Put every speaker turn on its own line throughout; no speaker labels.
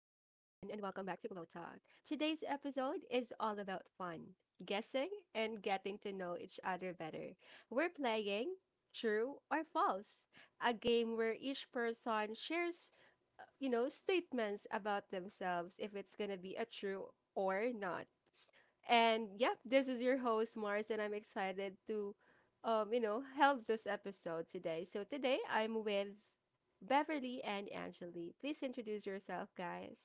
back to Glow Talk. Today's episode is all about fun, guessing, and getting to know each other better. We're playing True or False, a game where each person shares, statements about themselves if it's going to be a true or not. And yeah, this is your host Mars, and I'm excited to, help this episode today. So today I'm with Beverly and Angeli. Please introduce yourself, guys.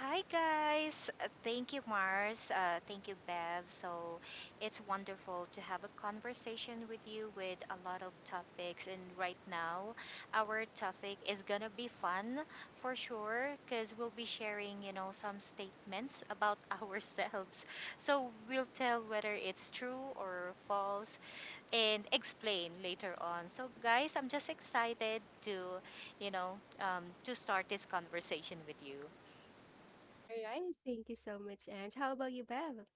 Hi guys. Thank you, Mars. Thank you, Bev. So it's wonderful to have a conversation with you with a lot of topics. And right now, our topic is gonna be fun for sure, cause we'll be sharing, some statements about ourselves. So we'll tell whether it's true or false, and explain later on. So guys, I'm just excited to start this conversation with you.
All right, thank you so much, Ange. How about you, Bev?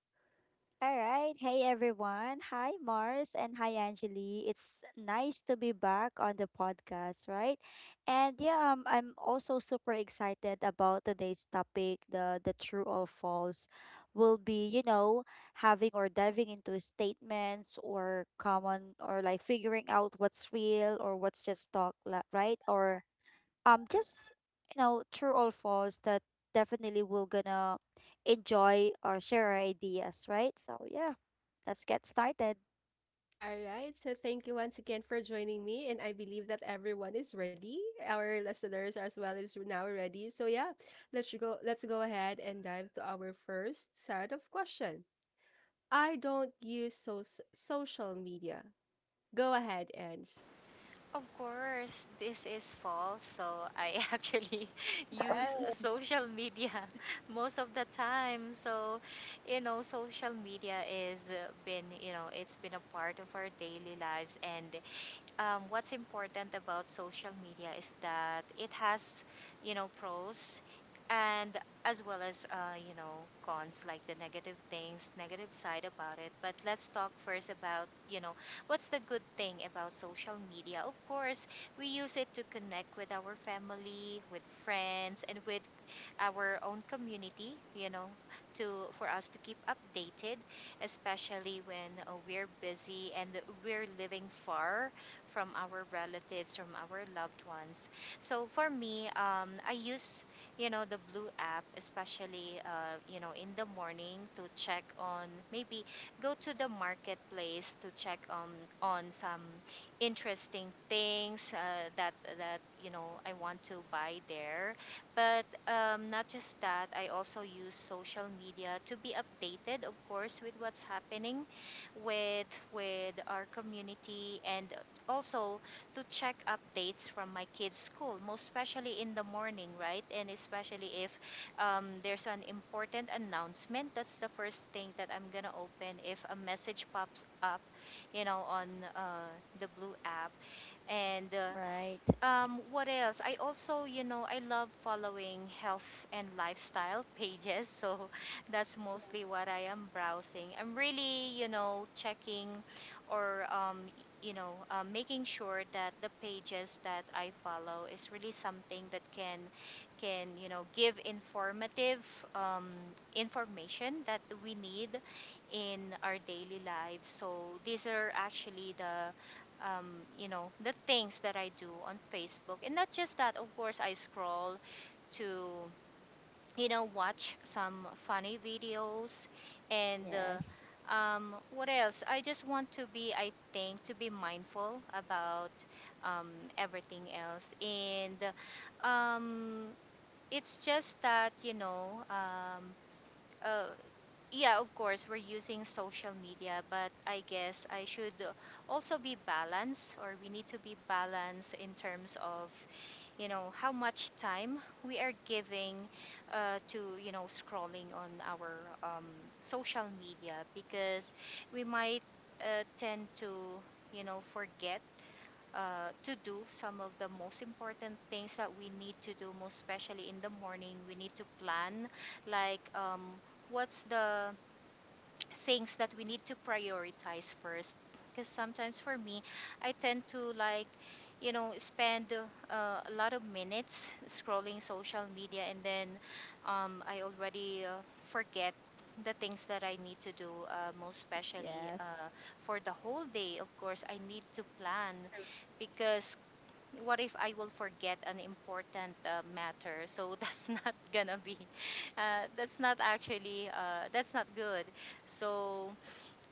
All right. Hey, everyone. Hi, Mars. And hi, Angeli. It's nice to be back on the podcast, right? And yeah, I'm also super excited about today's topic. The true or false will be, you know, having or diving into statements, or common, or like figuring out what's real or what's just talk, right? Or just, you know, true or false that definitely we're gonna enjoy or share our ideas, right? So yeah, let's get started.
All right, so thank you once again for joining me, and I believe that everyone is ready. Our listeners as well is now ready. So yeah, let's go. Let's go ahead and dive to our first set of question. I don't use social media. Go ahead, Ange.
Of course, this is false. So I actually use social media most of the time. So, social media is been, you know, it's been a part of our daily lives. And what's important about social media is that it has, pros, and as well as, cons, like the negative things, negative side about it. But let's talk first about, what's the good thing about social media? Of course, we use it to connect with our family, with friends, and with our own community, you know, to for us to keep updated, especially when we're busy and we're living far from our relatives, from our loved ones. So for me, I use, the Blue app, especially, in the morning, to check on, maybe go to the marketplace to check on some interesting things, that that you know I want to buy there. But not just that, I also use social media to be updated, of course, with what's happening with with our community, and also to check updates from my kids' school, most especially in the morning, right? And especially if there's an important announcement, that's the first thing that I'm gonna open if a message pops up, on uh, the Blue app. And uh,
Right.
um, what else? I also, you know, I love following health and lifestyle pages. So that's mostly what I am browsing. I'm really, checking, or, making sure that the pages that I follow is really something that can give informative um, information that we need in our daily lives. So these are actually the, um, the things that I do on Facebook. And not just that, of course, I scroll to, watch some funny videos and. Uh,
Yes,
um, what else? I just want to be, I think, to be mindful about um, everything else. And um, it's just that, uh, yeah, of course, we're using social media, but I guess I should also be balanced, or we need to be balanced in terms of, how much time we are giving, to, scrolling on our um, social media, because we might tend to, forget, to do some of the most important things that we need to do. Most especially in the morning, we need to plan, like what's the things that we need to prioritize first, because sometimes for me I tend to, like, spend a lot of minutes scrolling social media, and then I already forget the things that I need to do, most especially
yes,
for the whole day. Of course I need to plan, because what if I will forget an important matter? So that's not gonna be, that's not actually, that's not good. So,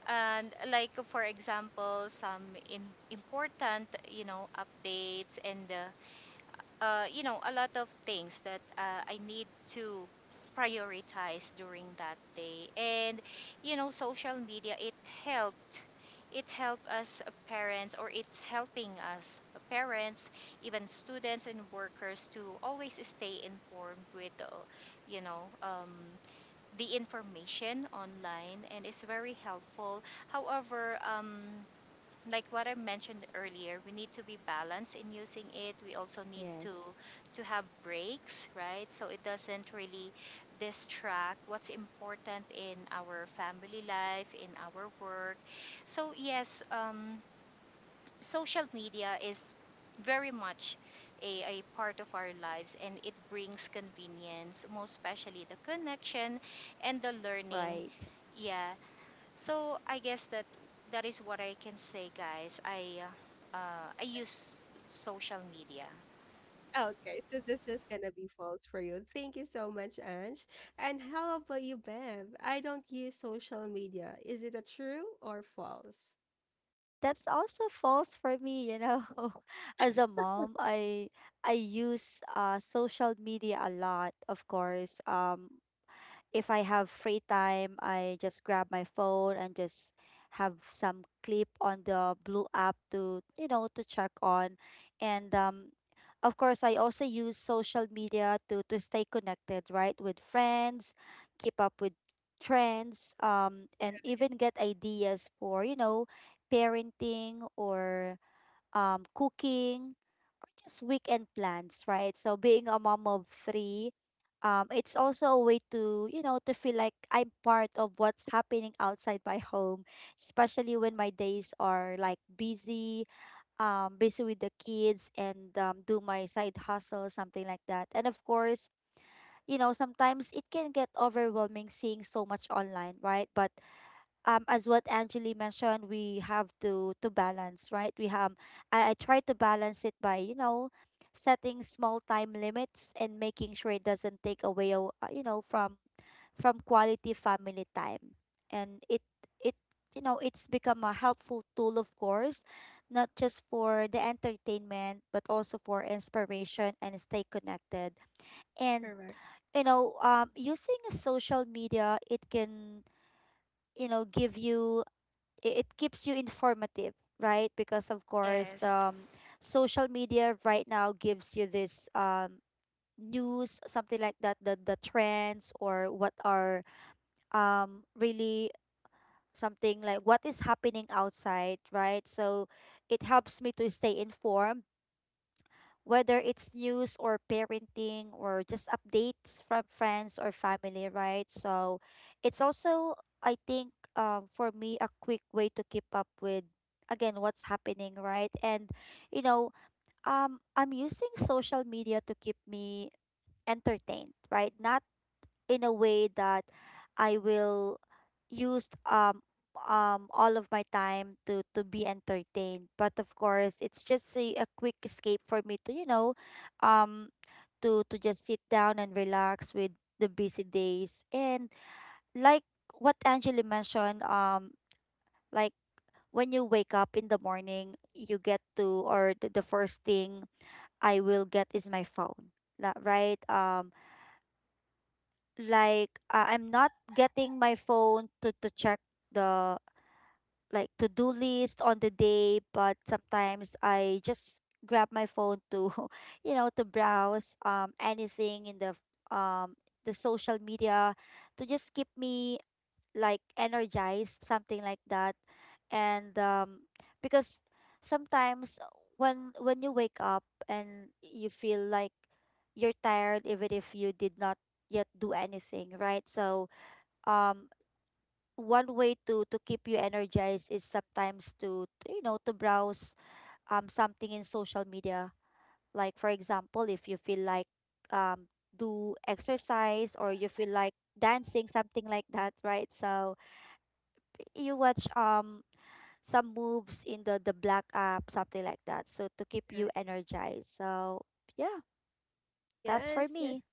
and like for example, some in, important, updates, and a lot of things that I need to prioritize during that day. And, social media, it helped. It helped us, parents, or it's helping us parents, even students and workers, to always stay informed with, you know, um, the information online, and it's very helpful. However, like what I mentioned earlier, we need to be balanced in using it. We also need to
yes.
to have breaks, right? So it doesn't really distract what's important in our family life, in our work. So yes, social media is very much a part of our lives, and it brings convenience, most especially the connection and the learning,
Right.
yeah. So I guess that is what I can say, guys. I use social media.
Okay, so this is gonna be false for you. Thank you so much, Ange. And how about you, Bev? I don't use social media. Is it a true or false?
That's also false for me, you know. As a mom, I use social media a lot, of course. If I have free time, I just grab my phone and just have some clip on the blue app to, you know, to check on. And of course, I also use social media to stay connected, right, with friends, keep up with trends, and even get ideas for, you know, parenting, or cooking, or just weekend plans, right? So being a mom of 3, it's also a way to, you know, to feel like I'm part of what's happening outside my home, especially when my days are like busy, busy with the kids, and do my side hustle, something like that. And of course, you know, sometimes it can get overwhelming seeing so much online, right? But as what Angeli mentioned, we have to balance, right? We have, I try to balance it by, you know, setting small time limits and making sure it doesn't take away you know, from quality family time. And it you know, it's become a helpful tool, of course, not just for the entertainment, but also for inspiration and stay connected. And
Correct.
you know, using social media, it can, you know, give you, it keeps you informative, right? Because of course the
Yes.
social media right now gives you this news, something like that, the trends, or what are really something like what is happening outside, right? So it helps me to stay informed, whether it's news or parenting or just updates from friends or family, right? So it's also, I think, for me, a quick way to keep up with, again, what's happening, right? And, you know, I'm using social media to keep me entertained, right? Not in a way that I will use all of my time to be entertained. But of course, it's just a quick escape for me to, you know, um to just sit down and relax with the busy days. And like what Angela mentioned, like when you wake up in the morning, you get to, or the first thing I will get is my phone. Right? Like I'm not getting my phone to check the, like, to do list on the day, but sometimes I just grab my phone to you know, to browse anything in um the social media, to just keep me like energized, something like that. And because sometimes when you wake up and you feel like you're tired, even if you did not yet do anything, right? So um one way to keep you energized is sometimes to you know, to browse something in social media. Like, for example, if you feel like um do exercise, or you feel like dancing, something like that, right? So you watch some moves in the black app, something like that. So to keep you
Okay.
energized. So yeah, that's for
Yes, yes.
me.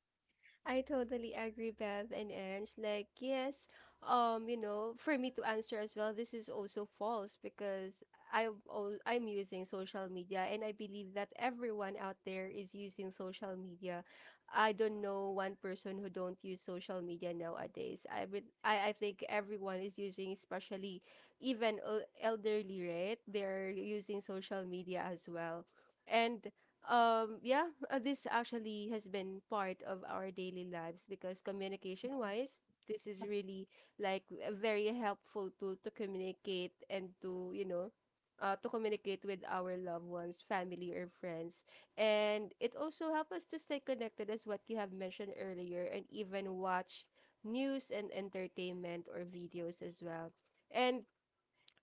I totally agree, Bev and Ange. Like, yes, for me to answer as well, this is also false because I I'm using social media, and I believe that everyone out there is using social media. I don't know one person who don't use social media nowadays. I think everyone is using, especially even elderly, right? They're using social media as well. And yeah, this actually has been part of our daily lives because communication
Mhm.
wise, this is really like a very helpful tool to communicate and to communicate with our loved ones, family, or friends. And it also helps us to stay connected, as what you have mentioned earlier, and even watch news and entertainment or videos as well. And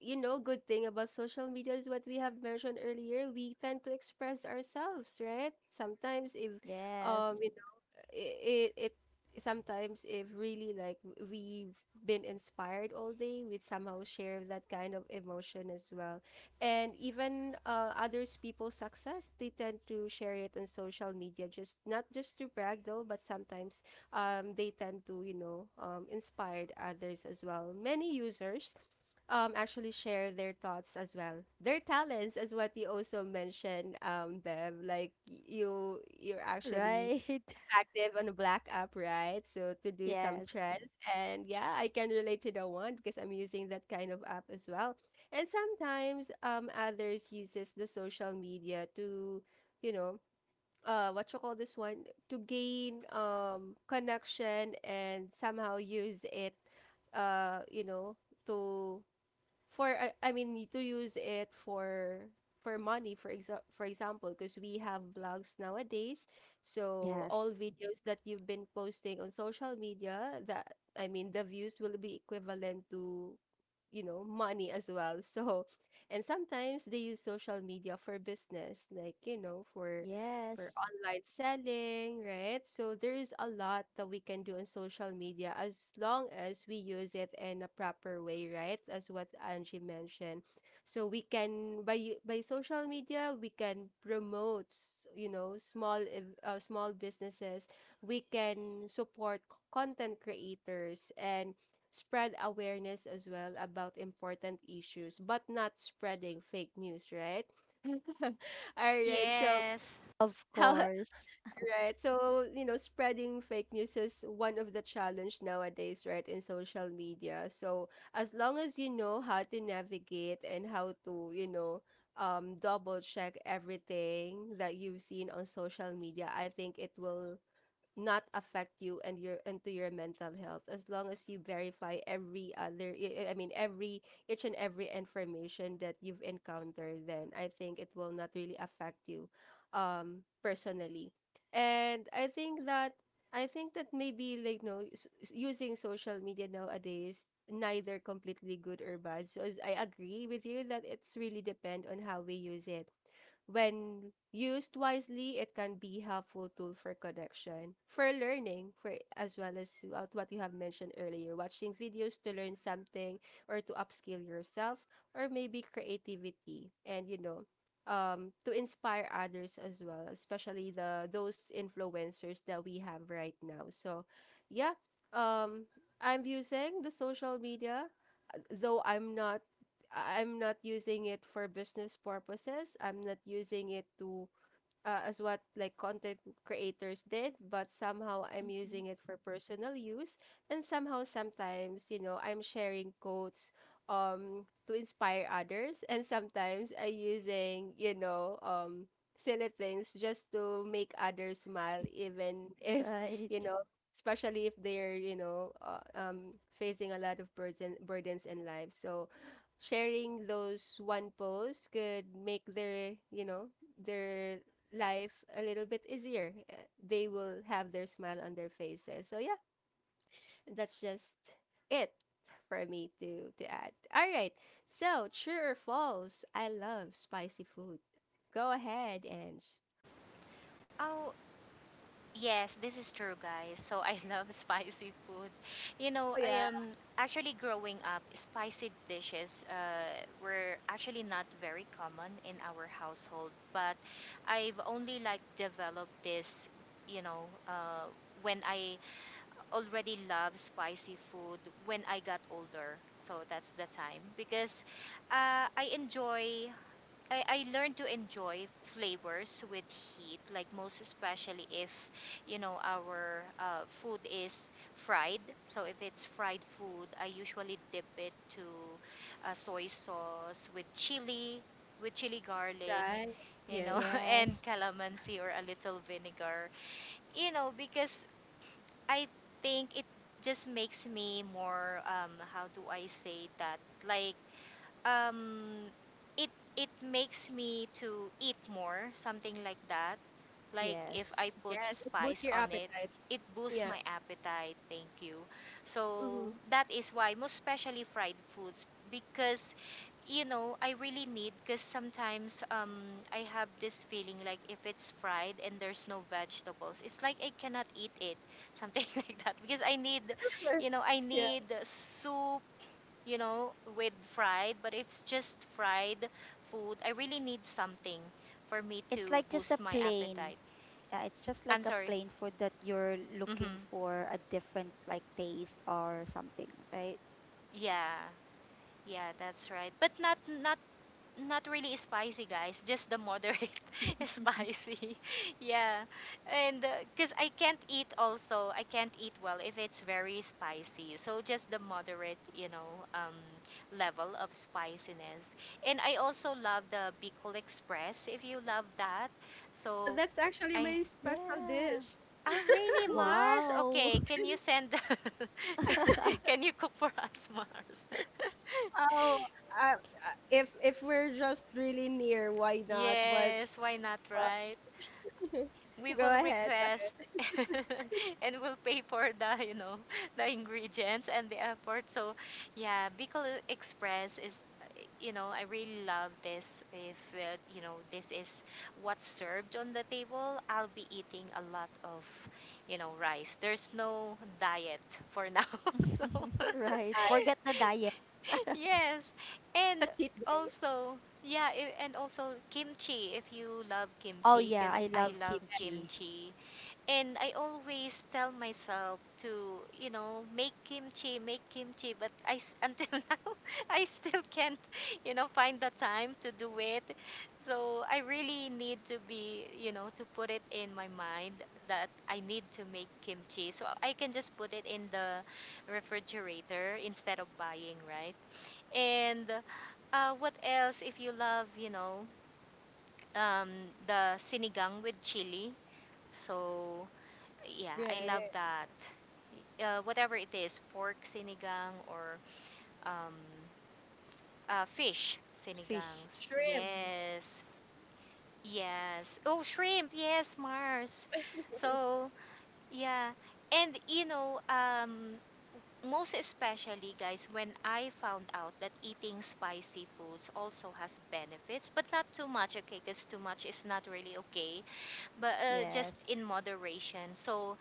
you know, good thing about social media is what we have mentioned earlier. We tend to express ourselves, right? Sometimes, if
Yes.
you it it sometimes if really like we've been inspired all day, we'd somehow share that kind of emotion as well. And even others people's success, they tend to share it on social media, just not just to brag though, but sometimes they tend to, inspire others as well. Many users actually share their thoughts as well, their talents, as what you also mentioned, Bev. Like you're actually
Right.
active on the Black app, right? So to do some
Yes.
trends. And yeah, I can relate to the one because I'm using that kind of app as well. And sometimes others uses the social media to, you know, what you call this one? To gain connection and somehow use it, uh, you know, to I mean to use it for money for for example, because we have vlogs nowadays. So all
Yes.
videos that you've been posting on social media, that I mean, the views will be equivalent to, money as well. So, and sometimes they use social media for business, like, you know, for
Yes.
online selling, right? So there is a lot that we can do on social media as long as we use it in a proper way, right? As what Angie mentioned. So we can, by social media, we can promote, small businesses. We can support content creators and spread awareness as well about important issues, but not spreading fake news, right? All right. So
Yes.
Of
how
course.
right? So spreading fake news is one of the challenge nowadays, right, in social media. So as long as you know how to navigate and how to, double check everything that you've seen on social media, I think it will not affect you and your and to your mental health, as long as you verify every other I mean, every each and every information that you've encountered. Then I think it will not really affect you personally. And I think that maybe like no, using social media nowadays neither completely good or bad. So as I agree with you, that it's really depend on how we use it. When used wisely, it can be helpful tool for connection, for learning, for, as well, as what you have mentioned earlier, watching videos to learn something or to upskill yourself, or maybe creativity and, to inspire others as well, especially the those influencers that we have right now. So yeah, um, I'm using the social media, though I'm not using it for business purposes. I'm not using it to as what like content creators did, but somehow I'm
Mhm.
using it for personal use, and somehow sometimes, I'm sharing quotes to inspire others, and sometimes I using, silly things just to make others smile, even if, you
Right.
know especially if they're, facing a lot of burdens in life. So sharing those one post could make their you know their life a little bit easier. They will have their smile on their faces. So yeah, that's just it for me to add. All right. So, true or false? I love spicy food. Go ahead, Ange.
Oh, yes, this is true, guys. So I love spicy food.
Oh
I
yeah,
actually, growing up, spicy dishes were actually not very common in our household, but I've only, like, developed this, you know, uh, when I already love spicy food, when I got older. So that's the time, because I enjoy. I learned to enjoy flavors with heat, like, most especially if, our food is fried. So if it's fried food, I usually dip it to soy sauce with chili garlic,
right.
you
Yes.
know, and
Yes.
calamansi, or a little vinegar, because I think it just makes me more, how do I say that, like, um it it makes me to eat more, something like that, like if I
Yes.
put
Yes, it boosts
spice
your
on it,
appetite.
it boosts
Yeah.
my appetite. Thank you. So
Hmm.
that is why, most especially fried foods, because I really need, because sometimes I have this feeling, like if it's fried and there's no vegetables, it's like I cannot eat it, something like that, because i need you know i
Yeah.
need soup, with fried. But if it's just fried food, I really need something for me
It's
to
like just a
boost my
plane.
appetite.
Yeah, it's just
I'm
like a
sorry.
plain food that you're looking
Mhm.
for a different, like, taste or something, right?
Yeah. Yeah, that's right. But not really spicy, guys. Just the moderate, spicy. Yeah. And because I can't eat also, I can't eat well if it's very spicy. So just the moderate, um, level of spiciness. And I also love the Bicol Express, if you love that.
Oh,
So
that's actually
I.
my special
Yeah.
dish.
Oh, really, Mars?
Wow.
Okay, can you send. Can you cook for us, Mars?
Oh, uh, if we're just really near, why not? But
Yes, why not,
uh,
right? We
go
will
ahead.
request. And we'll pay for the you know the ingredients and the effort. So yeah, Bicol Express is, I really love this. If you know, this is what's served on the table, I'll be eating a lot of, rice. There's no diet for now. So
Right.
Right.
Forget the diet.
yes.
It's
And
a cheat day.
also, yeah, and also kimchi, if you love
Oh
kimchi,
yeah,
because
I
I
love
love
kimchi.
kimchi. And I always tell myself to, make kimchi, but until now I still can't, find the time to do it. So I really need to be, you know, to put it in my mind, that I need to make kimchi. So I can just put it in the refrigerator instead of buying, right? And what else, if you love, um, the sinigang with chili? So, yeah, I love
Right.
that. Whatever it is, pork sinigang, or um, fish
Fish.
sinigangs.
Shrimp,
Mhm.
Yes, yes. Oh, shrimp. Yes, Mars. So, yeah. And, most especially, guys, when I found out that eating spicy foods also has benefits, but not too much, okay, because too much is not really okay, but just
Yes.
in moderation. So,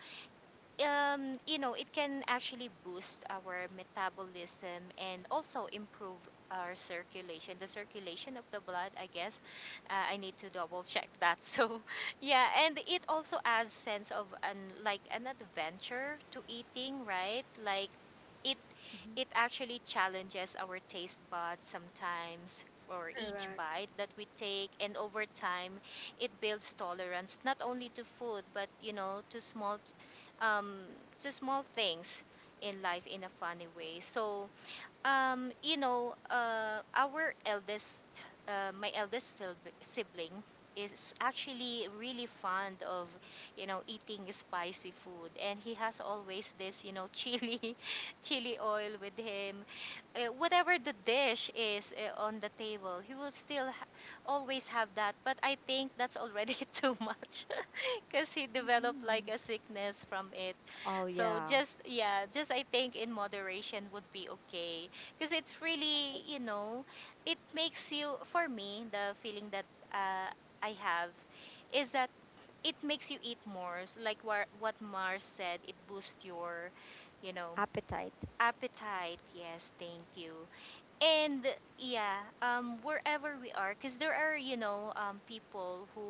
it can actually boost our metabolism, and also improve our circulation, the circulation of the blood, I guess. I need to double check that. So, yeah, and it also adds sense of an, like, an adventure to eating, right? Like it
Mhm.
it actually challenges our taste buds sometimes, for each
correct.
bite that we take, and over time it builds tolerance, not only to food but, um, to small things in life, in a funny way. So, um, you know, uh, our eldest, my eldest sibling is actually really fond of, eating spicy food. And he has always this, chili, chili oil with him. Whatever the dish is on the table, he will still always have that. But I think that's already too much, because he developed like
Mm.
a sickness from it.
Oh
So
yeah.
just, yeah, just I think in moderation would be okay, because it's really, it makes you, for me, the feeling that uh, I have is that it makes you eat more. So like what Mars said, it boosts your, you know
Appetite.
appetite. Yes, thank you. And yeah, wherever we are, because there are, people who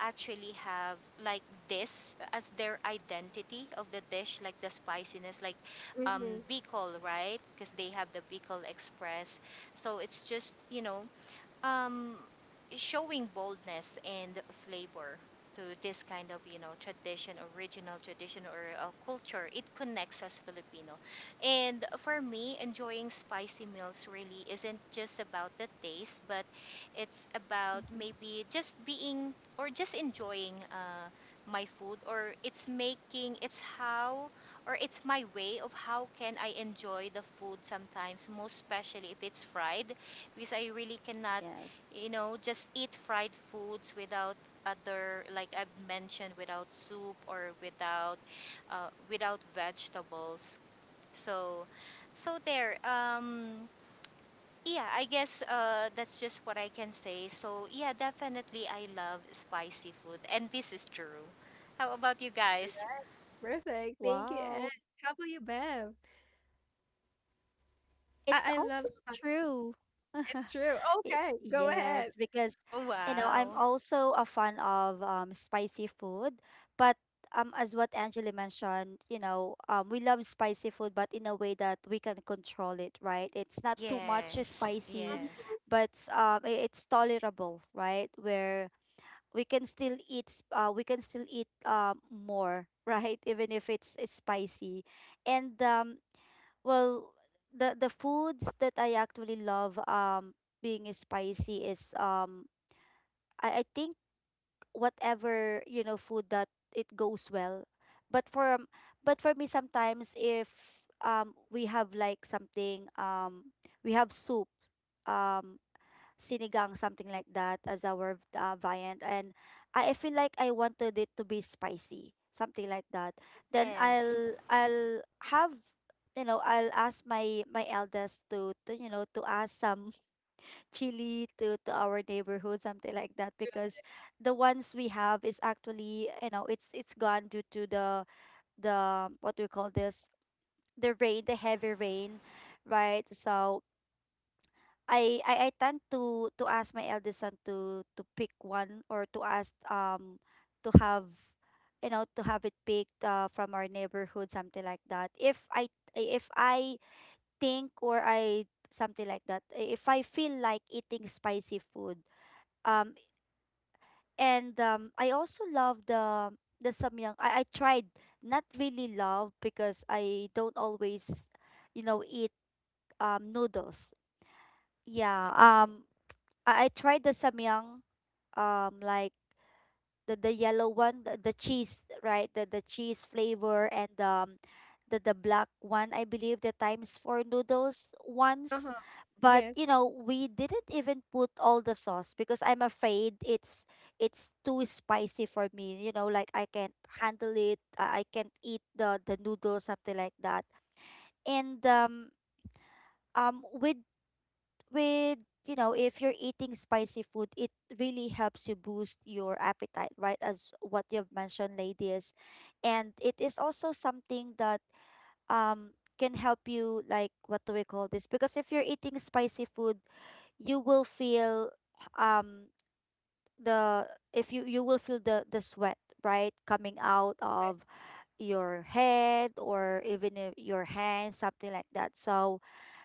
actually have, like, this as their identity of the dish, like the spiciness, like um,
Mm-hmm.
Bicol, right? Because they have the Bicol Express. So it's just, you know, um, showing boldness and flavor to this kind of tradition, original tradition, or culture. It connects us Filipino. And for me, enjoying spicy meals really isn't just about the taste, but it's about
Mhm.
maybe just being or just enjoying my food, or it's making it's how or it's my way of how can I enjoy the food sometimes, most especially if it's fried, because I really cannot,
Yes.
you know, just eat fried foods without other, like I've mentioned, without soup or without, without vegetables. So, so there. Yeah, I guess that's just what I can say. So yeah, definitely I love spicy food, and this is true. How about you guys?
Perfect. Thank you, Anne.
Wow.
How about you, Bev?
It's
I love
also
spice.
true.
It's true.
It,
Okay, go
yes,
ahead.
because
Oh
you know, I'm
wow!
also a fan of spicy food, but as what Angela mentioned, you know, we love spicy food but in a way that we can control it, right? It's not too much
Yes,
spicy,
Mhm.
yes,
but it's tolerable, right? Where we can still we can still eat more, right? Even if it's spicy. And well, the foods that I actually love being spicy is I think whatever, you know, food that it goes well. But for um, but for me, sometimes if we have like something, we have soup, um sinigang, something like that, as our viand. And I feel like I wanted it to be spicy, something like that. Then
yes,
I'll have, you know, I'll ask my eldest to you know, to ask some chili to our neighborhood, something like that, because the ones we have is actually, you know, it's gone due to the what we call this, the rain, the heavy rain, right? So I tend to ask my eldest son to pick one, or to ask to have, you know, to have it picked from our neighborhood, something like that, if I think, or I something like that, if I feel like eating spicy food. um and I also love the samyang. I tried, not really love, because I don't always, you know, eat noodles. Yeah. I tried the samyang, like the yellow one, the cheese, right, the cheese flavor, and the black one, I believe, the times four noodles ones.
Uh-huh.
But
Yes.
you know, we didn't even put all the sauce, because I'm afraid it's too spicy for me, you know, like I can't handle it. I can't eat the noodles, something like that. And with with you know, if you're eating spicy food, it really helps you boost your appetite, right, as what you've mentioned, ladies. And it is also something that um can help you, like, what do we call this? Because if you're eating spicy food, you will feel um the, if you, you will feel the sweat, right, coming out of your head, or even if your hands, something like that. So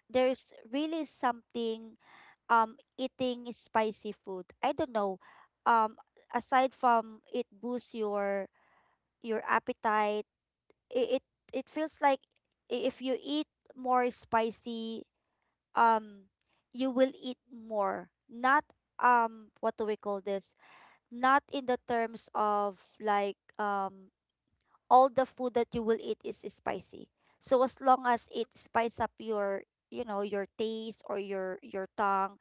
there's really something eating spicy food. I don't know. Um Aside from it boosts your appetite, it it, it feels like if you eat more spicy, um you will eat more. Not, what do we call this, not in the terms of like all the food that you will eat is spicy. So as long as it spice up your, you know, your taste, or your tongue,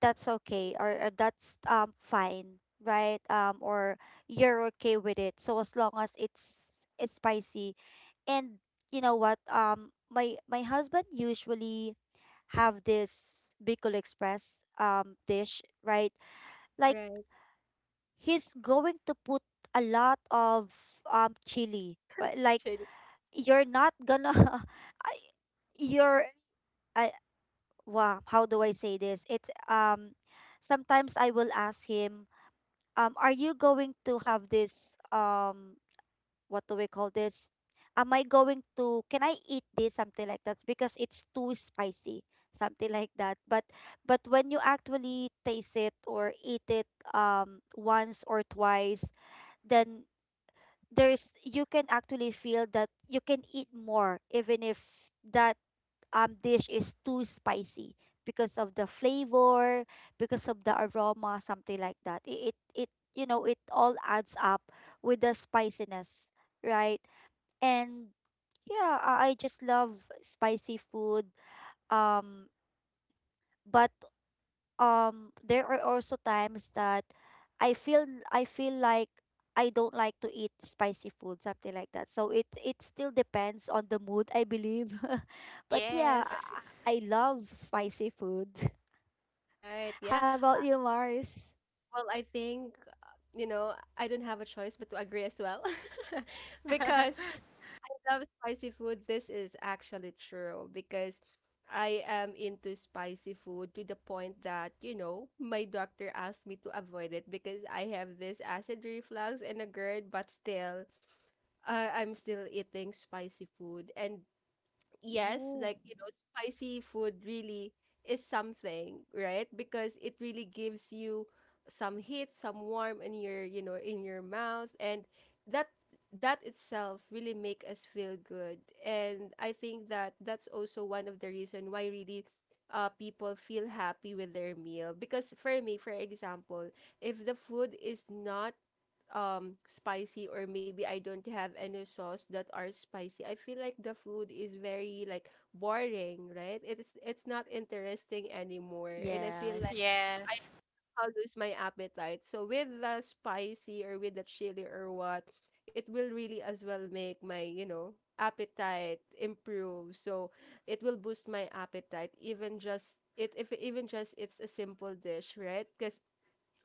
that's okay, or that's fine, right? Or you're okay with it. So as long as it's spicy. And you know what? My husband usually have this Bicol Express dish, right?
Right.
Like,
Right.
he's going to put a lot of chili, right? Like,
Shady.
you're not gonna, you're, I, wow, how do I say this? It's, sometimes I will ask him, are you going to have this, what do we call this, am I going to, can I eat this, something like that, because it's too spicy, something like that. But when you actually taste it or eat it once or twice, then there's, you can actually feel that you can eat more, even if that dish is too spicy, because of the flavor, because of the aroma, something like that. It, you know, it all adds up with the spiciness, right? And yeah, I just love spicy food. Um, but there are also times that I feel I feel like I don't like to eat spicy food, something like that. So it still depends on the mood, I believe. But yeah,
Right.
yes,
I love spicy food.
Right. Yeah.
How about you, Mars?
Well, I think, uh, I don't have a choice but to agree as well. Because love spicy food, this is actually true because I am into spicy food, to the point that, my doctor asked me to avoid it because I have this acid reflux and a GERD, but still, I'm still eating spicy food. And yes, like,
Ooh.
spicy food really is something, right? Because it really gives you some heat, some warmth in your, in your mouth, and that that itself really make us feel good. And I think that that's also one of the reason why really people feel happy with their meal. Because for me, for example, if the food is not spicy, or maybe I don't have any sauce that are spicy. I feel like the food is very like boring, right? It's not interesting anymore. And I feel like
Yes.
I
yes.
I'll lose my appetite. So with the spicy, or with the chili or what, it will really as well make my, appetite improve. So it will boost my appetite, even just it if even just it's a simple dish, right? Because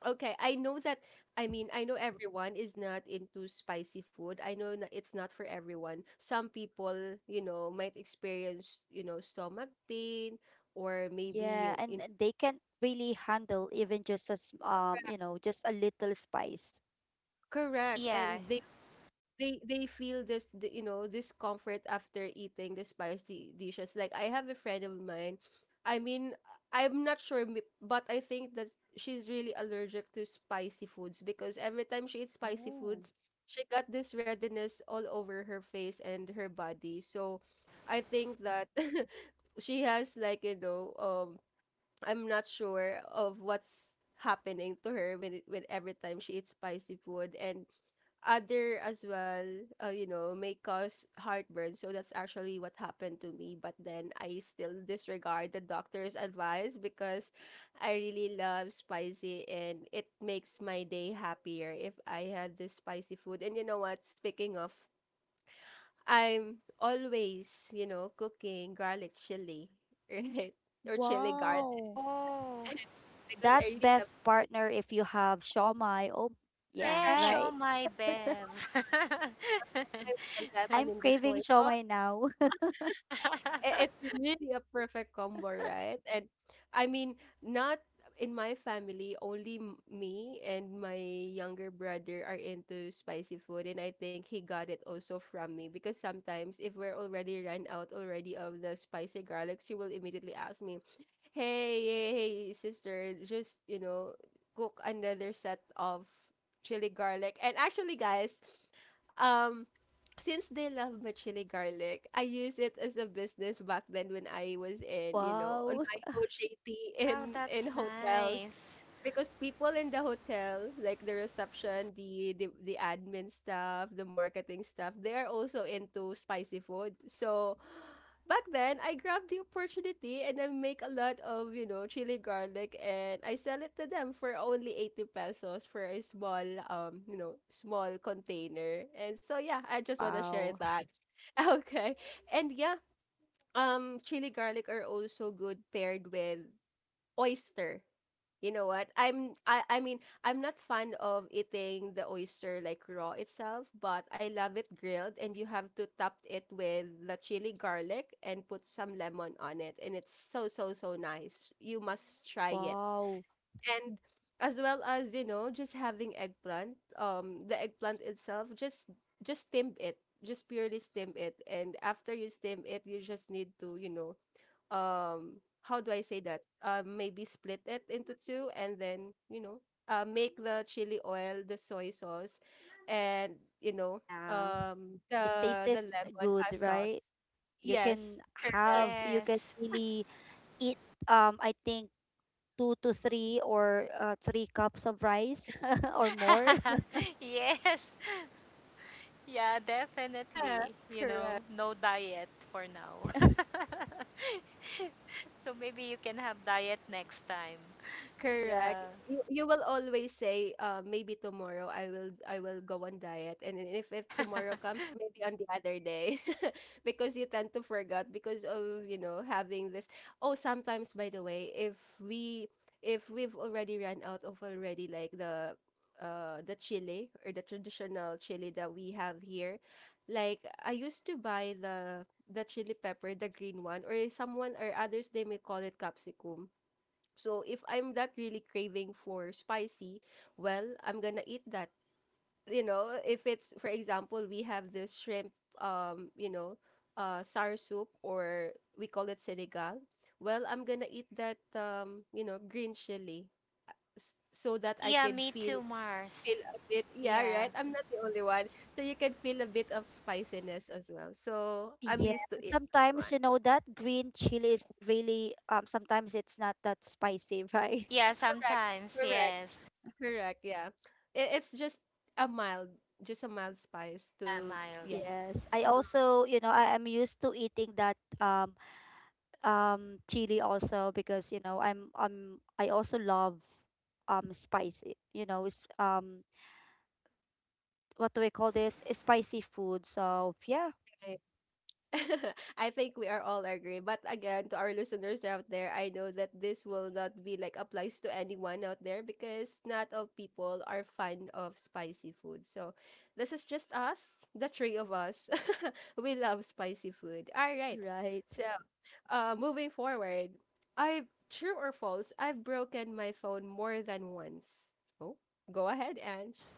Okay, I know that. I mean, I know everyone is not into spicy food. I know, it's not for everyone. Some people, might experience, stomach pain, or maybe
Yeah, and
in
and they can't really handle even just as you know, just a little spice.
correct,
Yeah.
and they feel this the, you know discomfort after eating the spicy dishes. Like I have a friend of mine. I mean, I'm not sure, but I think that she's really allergic to spicy foods, because every time she eats spicy
Oh,
foods, she got this redness all over her face and her body. So I think that she has, like, I'm not sure of what's happening to her when every time she eats spicy food. And other as well, may cause heartburn. So that's actually what happened to me. But then I still disregard the doctor's advice, because I really love spicy, and it makes my day happier if I had this spicy food. And you know what? Speaking of, I'm always, cooking garlic chili, right? Or chili garlic
wow.
Oh.
because
That
I really love
best
spicy.
partner if you have shawmai. Oh, yeah,
Yeah,
Correct.
show
right?
my Bev.
Put the lemon
I'm
in the soy.
craving shawmai now.
It's really a perfect combo, right? And I mean, not in my family, only me and my younger brother are into spicy food, and I think he got it also from me, because sometimes if we're already run out already of the spicy garlic, she will immediately ask me, "Hey, hey, hey, sister, just cook another set of chili garlic." And actually, guys, um since they love my chili garlic, I use it as a business back then when I was on
Wow.
my OJT
Wow,
in
that's
hotels,
nice.
because people in the hotel, like the reception, the admin staff, the marketing staff, they're also into spicy food. So back then, I grabbed the opportunity and I make a lot of chili garlic and I sell it to them for only 80 pesos for a small small container. And so yeah, I just wanna share
Wow.
that. Okay, and yeah, chili garlic are also good paired with oyster. You know what? I mean, I'm not fan of eating the oyster like raw itself, but I love it grilled and you have to top it with the chili garlic and put some lemon on it and it's so so so nice. You must try it.
Wow.
And as well as, you know, just having eggplant, the eggplant itself just steam it. Just purely steam it and after you steam it, you just need to, you know, um how do I say that? Maybe split it into two and then, you know, make the chili oil, the soy sauce, and you know,
Yeah. It
the
tastes
lemon
good,
sauce.
right? You
Yes,
can
correct.
have, you can
Yes.
really eat, I think, 2 to 3, or 3 cups of rice or more.
Yes. Yeah,
Yeah,
definitely. You know,
correct.
no diet for now. So maybe you can have diet next time.
Correct.
Yeah.
You will always say, maybe tomorrow I will go on diet, and then if tomorrow comes, maybe on the other day, because you tend to forget because of you know having this. Oh, sometimes by the way, if we if we've already run out of already like the chili or the traditional chili that we have here, like I used to buy the chili pepper, the green one, or someone or others they may call it capsicum so if I'm not really craving for spicy, well, I'm gonna eat that. You know, if it's for example, we have this shrimp, um, you know, sour soup or we call it sinigang. Well, I'm gonna eat that, green chili, so that I
Yeah,
could
me
feel
too, Mars.
feel a bit. Yeah,
Yeah.
right. I'm not the only one, so you can feel a bit of spiciness as well. So I'm
Yeah,
used to
but
it.
sometimes
One
you know that green chili is really sometimes it's not that spicy, right?
Yeah,
correct,
sometimes.
correct.
Yes.
Correct, yeah. It's a mild, just a mild spice
Yeah,
to,
Miles.
yeah.
Yes, I also, you know, I am used to eating that chili also because, you know, I also love spicy, you know, is what do we call this? Spicy food. So, yeah,
I, I think we are all agree. But again, to our listeners out there, I know that this will not be like applies to anyone out there because not all people are fan of spicy food. So this is just us, the three of us. We love spicy food. All right.
right.
So moving forward, I true or false, I've broken my phone more than once. Oh, go ahead, Ange.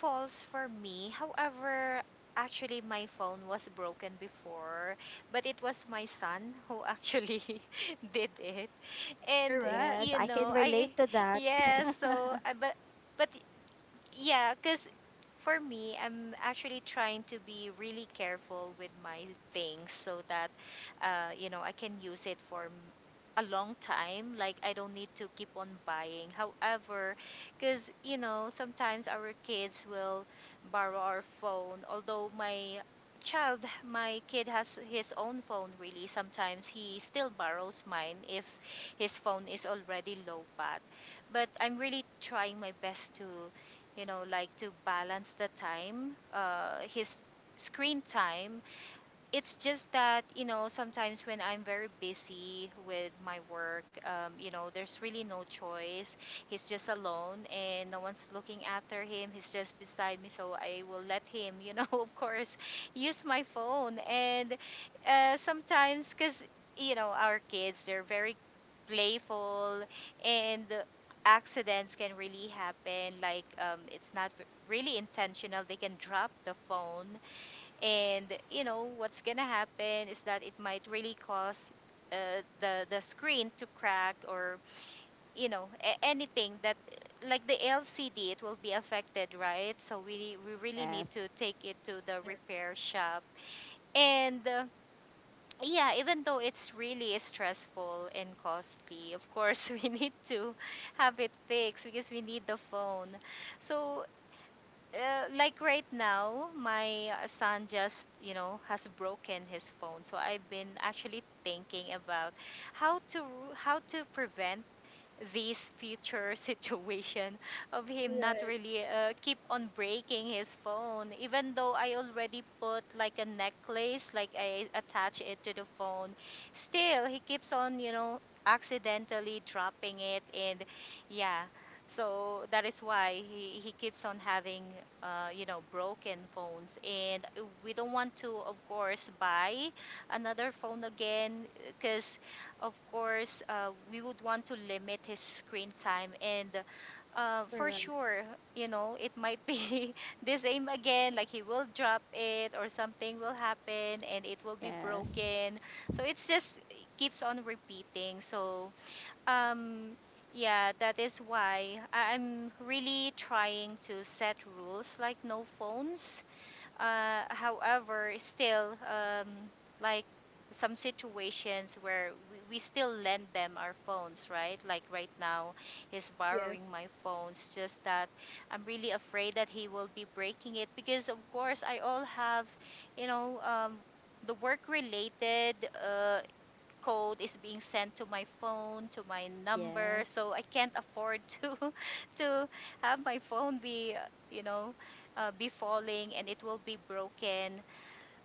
Falls for me. However, actually my phone was broken before, but it was my son who actually did it. And
Correct.
Yes,
you
I can
know, I
relate to that.
yes, so I but yeah, because for me, I'm actually trying to be really careful with my things so that, you know, I can use it for m- a long time. Like, I don't need to keep on buying. However, because, you know, sometimes our kids will borrow our phone. Although my child, my kid has his own phone, really. Sometimes he still borrows mine if his phone is already low bat, but I'm really trying my best to, you know, like to balance the time, his screen time. It's just that, you know, sometimes when I'm very busy with my work, you know, there's really no choice. He's just alone and no one's looking after him, he's just beside me, so I will let him, you know, of course use my phone. And sometimes, because you know our kids, they're very playful, and accidents can really happen. Like it's not r- really intentional, they can drop the phone, and you know what's gonna happen is that it might really cause uh, the screen to crack or, you know, a- anything that, like the LCD, it will be affected, right? So we really need to
Yes.
take it to the repair shop. And yeah, even though it's really stressful and costly, of course, we need to have it fixed because we need the phone. So like right now, my son just, you know, has broken his phone. So I've been actually thinking about how to how to prevent this future situation of him not
Right.
really keep on breaking his phone. Even though I already put like a necklace, like I attach it to the phone, still he keeps on, you know, accidentally dropping it. And yeah, so that is why he keeps on having, you know, broken phones. And we don't want to, of course, buy another phone again, because, of course, we would want to limit his screen time. And for
Correct.
sure, you know, it might be the same again, like he will drop it or something will happen and it will be
Yes.
broken. So it's just keeps on repeating. So, um, yeah, that is why I'm really trying to set rules like no phones. However, still, like some situations where we still lend them our phones, right? Like right now, he's
Yes.
borrowing my phones. Just that I'm really afraid that he will be breaking it because, of course, I all have, you know, the work related uh, code is being sent to my phone, to my number,
Yes.
so I can't afford to to have my phone be, you know, be falling and it will be broken.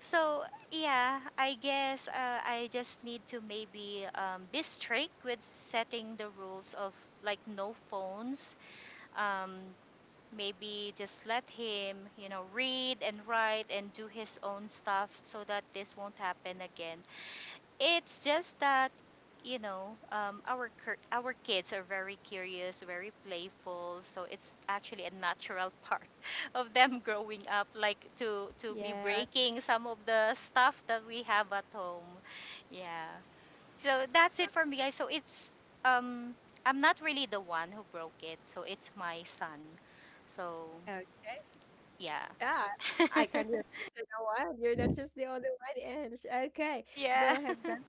So yeah, I guess I just need to maybe be strict with setting the rules of like no phones. Um, Maybe just let him, you know, read and write and do his own stuff so that this won't happen again. It's just that, you know, our kids are very curious, very playful, so it's actually a natural part of them growing up, like to be
Yes.
Exactly.
breaking some of the stuff that we have at home. Yeah. So that's
Right.
it for me, guys. So it's um I'm not really the one who broke it, so it's my son. So
Okay.
yeah.
Yeah. I can relate to the one. You're not just the only one, Ange. Okay.
Yeah.
Go ahead, Ben.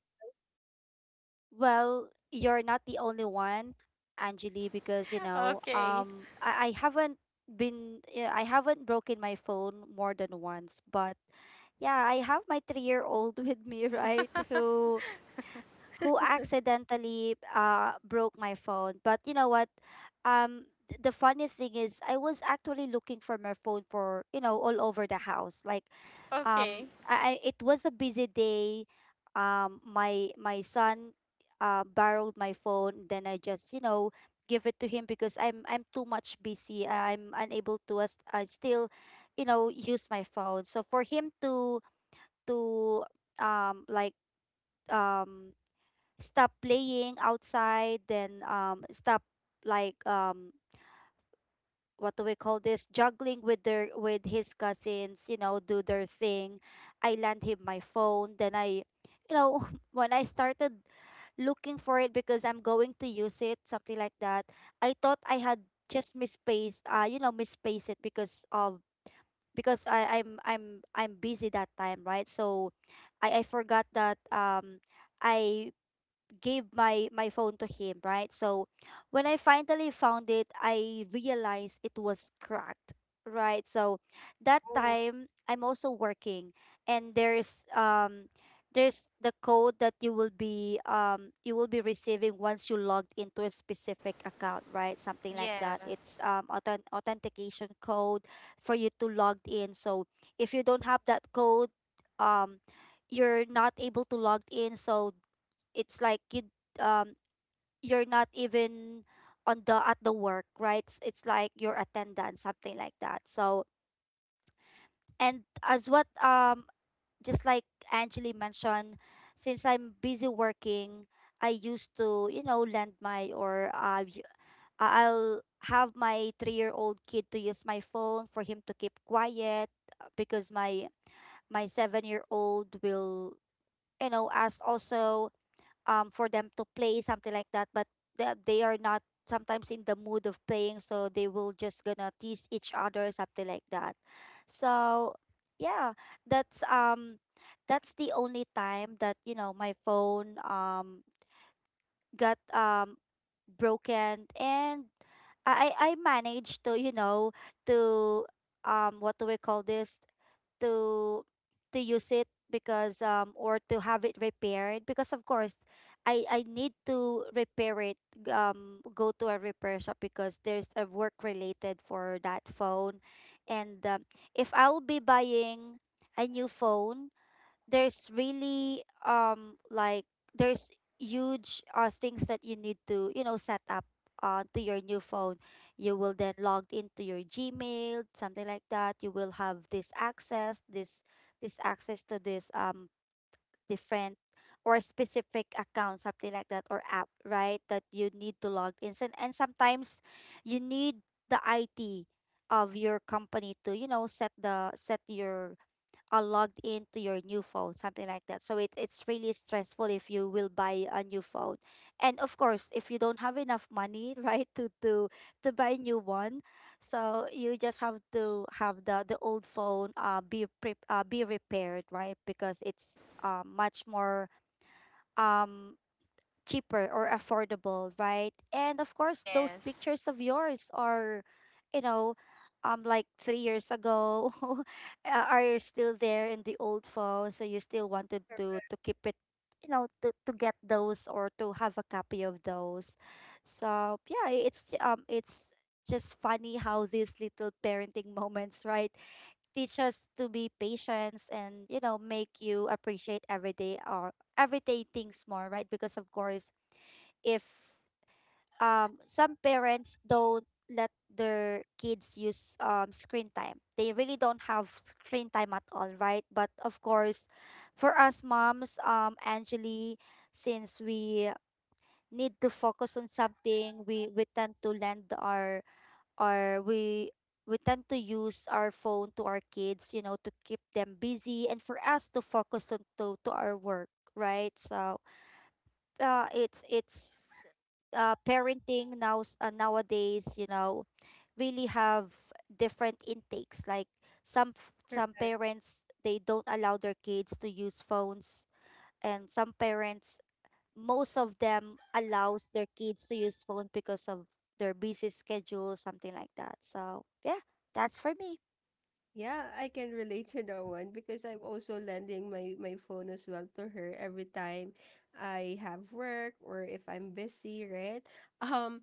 Well, you're not the only one, Anjali, because you know,
Okay.
um, I, I haven't yeah, I haven't broken my phone more than once, but yeah, I have my 3 year old with me, right? Who who accidentally broke my phone. But you know what? The funny thing is I was actually looking for my phone for, you know, all over the house. Like
Okay.
I it was a busy day. My son borrowed my phone, then I just, you know, give it to him because I'm too much busy. I'm unable to as I still, you know, use my phone. So for him to um like um stop playing outside then stop like um what do we call this, juggling with his cousins, you know, do their thing. I lent him my phone, then I, you know, when I started looking for it because I'm going to use it, something like that. I thought I had just misplaced, you know, misplaced it because of, because I I'm busy that time, right? So I forgot that I gave my phone to him, right? So when I finally found it, I realized it was cracked, right? So that
Oh.
time I'm also working and there's the code that you will be, you will be receiving once you logged into a specific account, right? Something like
Yeah.
that. It's authentication code for you to log in. So if you don't have that code, um you're not able to log in, so it's like you, um you're not even on the, at the work, right? It's like your attendance, something like that. So, and as what, just like Angeli mentioned, since I'm busy working, I used to, you know, lend my, or I'll have my three-year-old kid to use my phone for him to keep quiet, because my seven-year-old will, you know, ask also for them to play, something like that, but they are not sometimes in the mood of playing, so they will just gonna tease each other, something like that. So yeah, that's um that's the only time that, you know, my phone got broken. And I managed to, you know, to what do we call this to to use it because, um, or to have it repaired, because of course I need to repair it, go to a repair shop because there's a work related for that phone. And if I'll be buying a new phone, there's really, like there's huge things that you need to, you know, set up to your new phone. You will then log into your Gmail, something like that. You will have this access, this access to this different or specific account, something like that, or app, right, that you need to log in. And sometimes you need the IT of your company to, you know, set the, set your, are logged into your new phone, something like that. So it, it's really stressful if you will buy a new phone. And of course, if you don't have enough money, right, to buy a new one, so you just have to have the old phone be repaired, right? Because it's much more um cheaper or affordable, right? And of course, those
Yes.
pictures of yours are, you know, like 3 years ago, are still there in the old phone. So you still wanted to keep it, you know, to get those or to have a copy of those. So yeah, it's just funny how these little parenting moments, right, teach us to be patient and, you know, make you appreciate everyday or everyday things more, right? Because of course, if some parents don't let their kids use screen time. They really don't have screen time at all, right? But of course, for us moms, Angeli, since we need to focus on something, we tend to lend our we tend to use our phone to our kids, you know, to keep them busy and for us to focus on to our work, right? So it's parenting now nowadays. You know, really have different intakes. Like some
Oh,
some parents, they don't allow their kids to use phones, and some parents, most of them allows their kids to use phone because of their busy schedule, something like that. So yeah, that's for me.
yeah, I can relate to that one because I'm also lending my my phone as well to her every time I have work or if I'm busy, right? Um,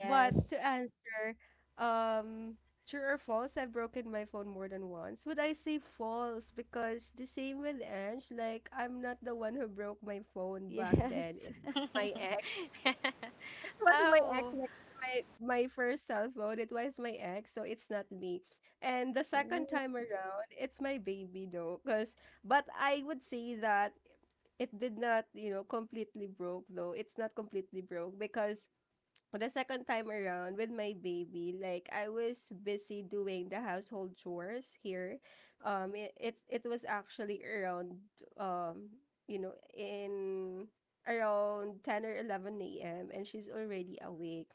but to answer, um, true or false, I've broken my phone more than once. Would I say false? Because the same with Ange, like I'm not the one who broke my phone back then.
Yes.
It was my ex. It was my
Oh.
ex, my my first cell phone. It was my ex, so it's not me. And the second
Ooh.
time around, it's my baby though, cause but I would say that it did not, you know, completely broke though. It's not completely broke because the second time around with my baby, like I was busy doing the household chores here. It it was actually around um, you know, in around 10 or 11 a.m. and she's already awake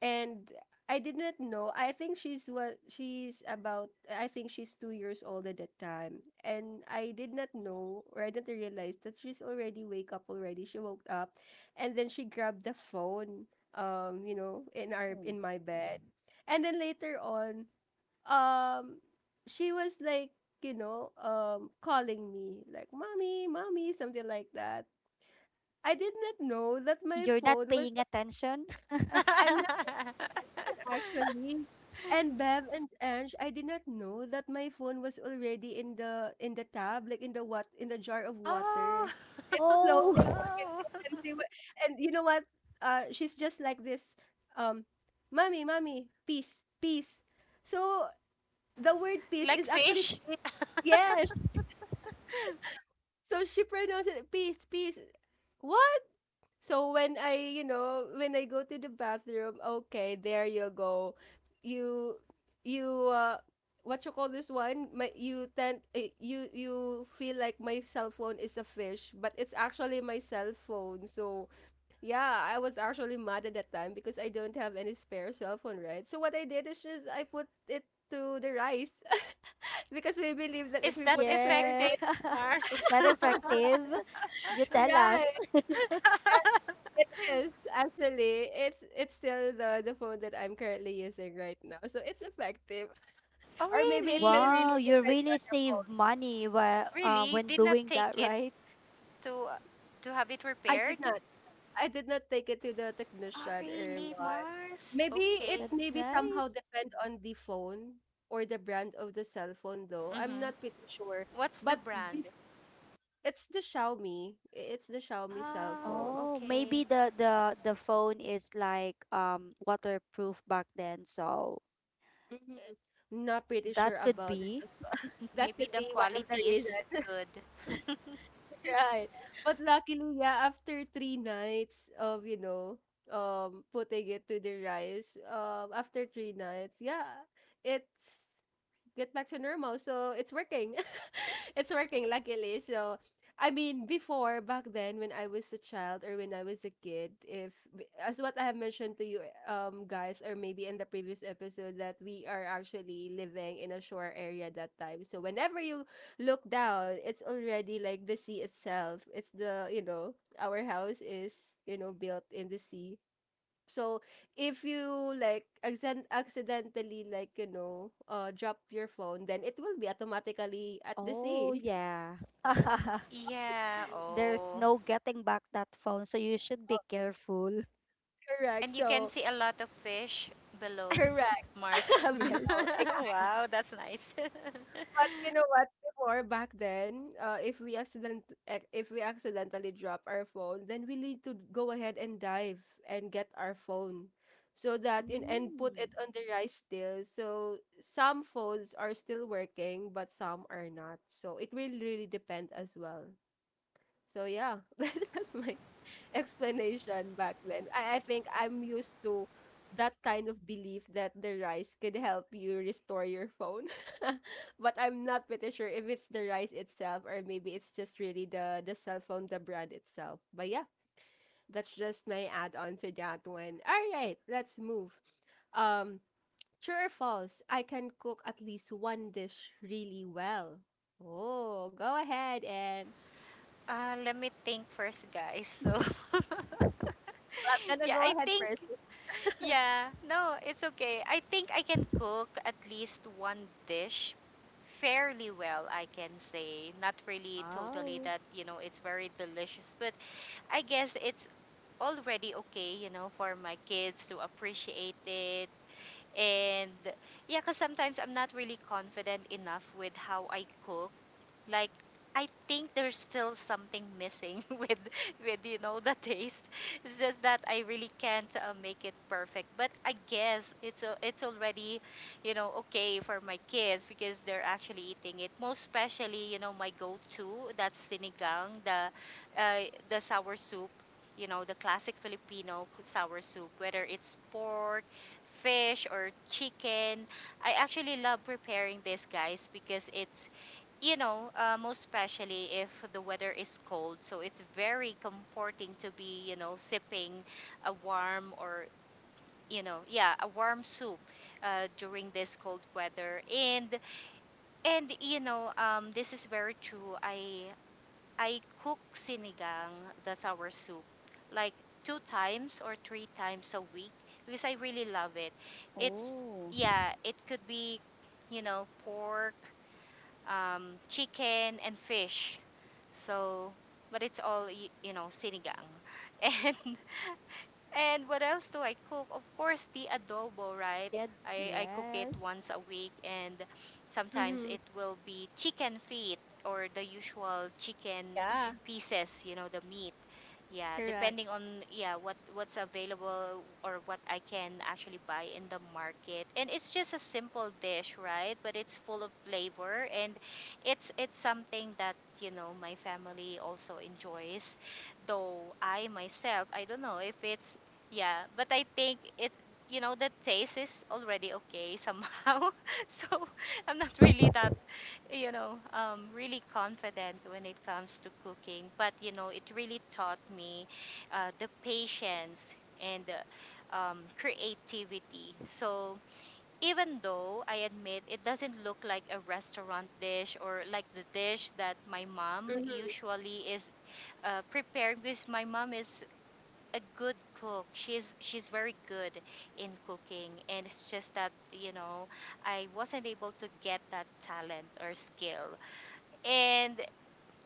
and I did not know. I think she's what she's about. I think she's 2 years old at that time, and I did not know or I didn't realize that she's already wake up already. She woke up, and then she grabbed the phone. You know, in our in my bed, and then later on, um, she was like, you know, calling me like, "Mommy, mommy," something like that. I did not know that my
You're not
phone was.
paying attention.
I'm not Actually, and Bev and Ange, I did not know that my phone was already in the tab, like in the what in the jar of
Oh.
water. It's
Oh
floating
Oh.
already,
no.
and see what, and you know what? She's just like this. Um, mommy, mommy, peace, peace. So the word peace
Like
is actually
fish?
fake. Yes. So she pronounced it peace, peace. What? So when I, you know, when I go to the bathroom, okay, there you go. You you what you call this one? My you tend you you feel like my cell phone is a fish, but it's actually my cell phone. So yeah, I was actually mad at that time because I don't have any spare cell phone, right? So what I did is just I put it to the rice because we believe that if
Is
we
that
put it to the
Yeah.
effective,
rice,
Mars?
Is that effective? You tell
right?
us.
It is actually it's still the phone that I'm currently using right now, so it's effective.
Oh
Or maybe it will
really?
Wow,
really
you
depends
really
on the phone.
save money while,
Really?
when
Did not
doing
take
that,
it
right?
to to have it
I did
repaired?
not I did not take it to the
Oh
technician or
really,
what.
Mars?
Maybe it
Okay.
That's
maybe somehow
nice.
depend on the phone or the brand of the cell phone though. I'm
Mm-hmm.
not pretty sure,
What's the
but
brand?
it's the Xiaomi. It's the Xiaomi cell
Oh,
phone.
Oh,
okay.
maybe the phone is like waterproof back then, so
Hmm. Not pretty sure
that could
about it
be.
as well. That
Maybe
could
the
be one of the
quality is
reasons.
good.
Right. But luckily, yeah, after three nights of, you know, putting it to the rice, after three nights, yeah, it's get back to normal. So it's working. It's working, luckily. So, I mean, before, back then, when I was a child or when I was a kid, if, as what I have mentioned to you, guys, or maybe in the previous episode, that we are actually living in a shore area that time. So, whenever you look down, it's already like the sea itself. It's the, you know, our house is, you know, built in the sea. So, if you like accent accidentally like, you know, drop your phone, then it will be automatically at the
Oh,
sea.
yeah.
So,
Yeah,
There's
oh.
no getting back that phone, so you should be careful.
correct.
And you can
So,
see a lot of fish below
correct.
Mars.
Yes.
Below.
Wow, that's nice.
But you know what? Before back then, if we if we accidentally drop our phone, then we need to go ahead and dive and get our phone, so that in and put
Mm.
it on the rice still. So some phones are still working, but some are not. So it will really depend as well. So yeah, that's my explanation back then. I think I'm used to that kind of belief that the rice could help you restore your phone. But I'm not pretty sure if it's the rice itself or maybe it's just really the cell phone, the brand itself. But yeah, that's just my add-on to that one. All right, let's move. Um, true or false, I can cook at least one dish really well. Oh, go ahead, Ange.
Let me think first, guys. So,
Well, I'm gonna
yeah,
go
I
ahead
think
first.
yeah, no, it's okay. I think I can cook at least one dish fairly well, I can say. Not really totally
Wow.
that, you know, it's very delicious, but I guess it's already okay, you know, for my kids to appreciate it. And yeah, because sometimes I'm not really confident enough with how I cook. Like I think there's still something missing with, you know, the taste. It's just that I really can't make it perfect. But I guess it's a, it's already, you know, okay for my kids because they're actually eating it. Most especially, you know, my go-to, that's sinigang, uh, the sour soup. You know, the classic Filipino sour soup, whether it's pork, fish, or chicken. I actually love preparing this, guys, because it's, you know, most especially if the weather is cold. So it's very comforting to be, you know, sipping a warm or, you know, yeah, a warm soup during this cold weather. And you know, this is very true. I cook sinigang, the sour soup, like two times or three times a week because I really love it. It's
Oh.
yeah, it could be, you know, pork, chicken and fish. So, but it's all y- you know sinigang, and and what else do I cook? Of course, the adobo, right?
The
I cook it
yes.
once a week, and sometimes
Mm-hmm.
it will be chicken feet or the usual chicken
Yeah,
pieces, you know, the meat. Yeah,
correct.
depending on yeah what what's available or what I can actually buy in the market. And it's just a simple dish, right? But it's full of flavor and it's something that, you know, my family also enjoys, though I myself, I don't know if it's yeah, but I think it, you know, the taste is already okay somehow. So I'm not really that, you know, really confident when it comes to cooking. But, you know, it really taught me the patience and creativity. So even though I admit it doesn't look like a restaurant dish or like the dish that my mom
Mm-hmm.
usually is prepared, because my mom is a good cook. She's very good in cooking, and it's just that you know I wasn't able to get that talent or skill. And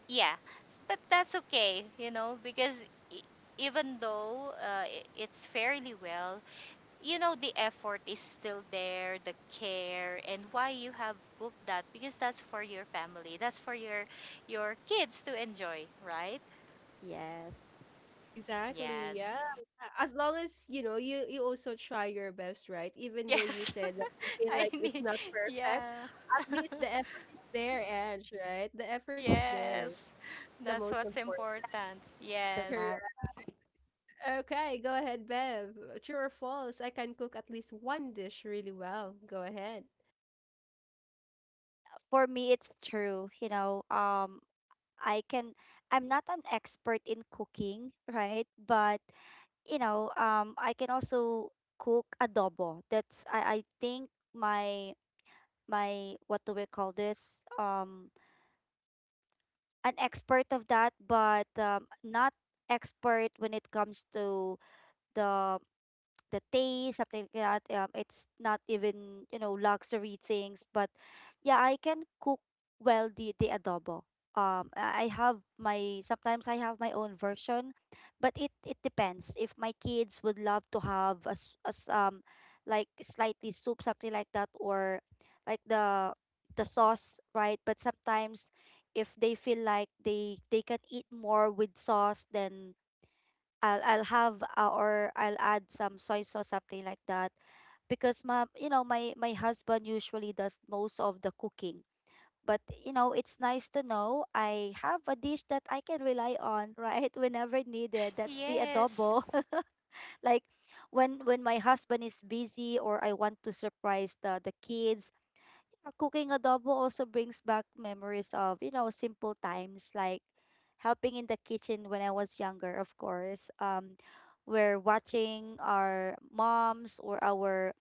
yeah, but that's okay, you know, because e- even though it's fairly well, you know, the effort is still there, the care, and why you have booked that, because that's for your family, that's for your kids to enjoy, right?
Yes,
Yeah,
Exactly. Yeah. A- As long as, you know, you also try your best, right? Even though you
yes.
said that you feel
I
like it's
need,
not perfect,
yeah.
at least the effort is there, Ange, right? The effort is there.
Yes.
The
That's
most
what's
important.
important.
to
Yes.
that.
Correct. Okay, go ahead, Bev. True or false? I can cook at least one dish really well. Go ahead.
For me, it's true. You know, I can, I'm not an expert in cooking, right? But, you know, I can also cook adobo. That's, I think my, my, what do we call this? An expert of that, but not expert when it comes to the the taste, something like that. It's not even, you know, luxury things. But yeah, I can cook well the adobo. I have my, sometimes I have my own version, but it depends. If my kids would love to have like slightly soup, something like that, or like the sauce, right? But sometimes if they feel like they can eat more with sauce, then I'll have or I'll add some soy sauce, something like that, because my, you know, my husband usually does most of the cooking. But you know, it's nice to know I have a dish that I can rely on, right, whenever needed. That's the
Yes.
adobo. Like when my husband is busy or I want to surprise the kids. Uh, cooking adobo also brings back memories of, you know, simple times, like helping in the kitchen when I was younger, of course. We're watching our moms or our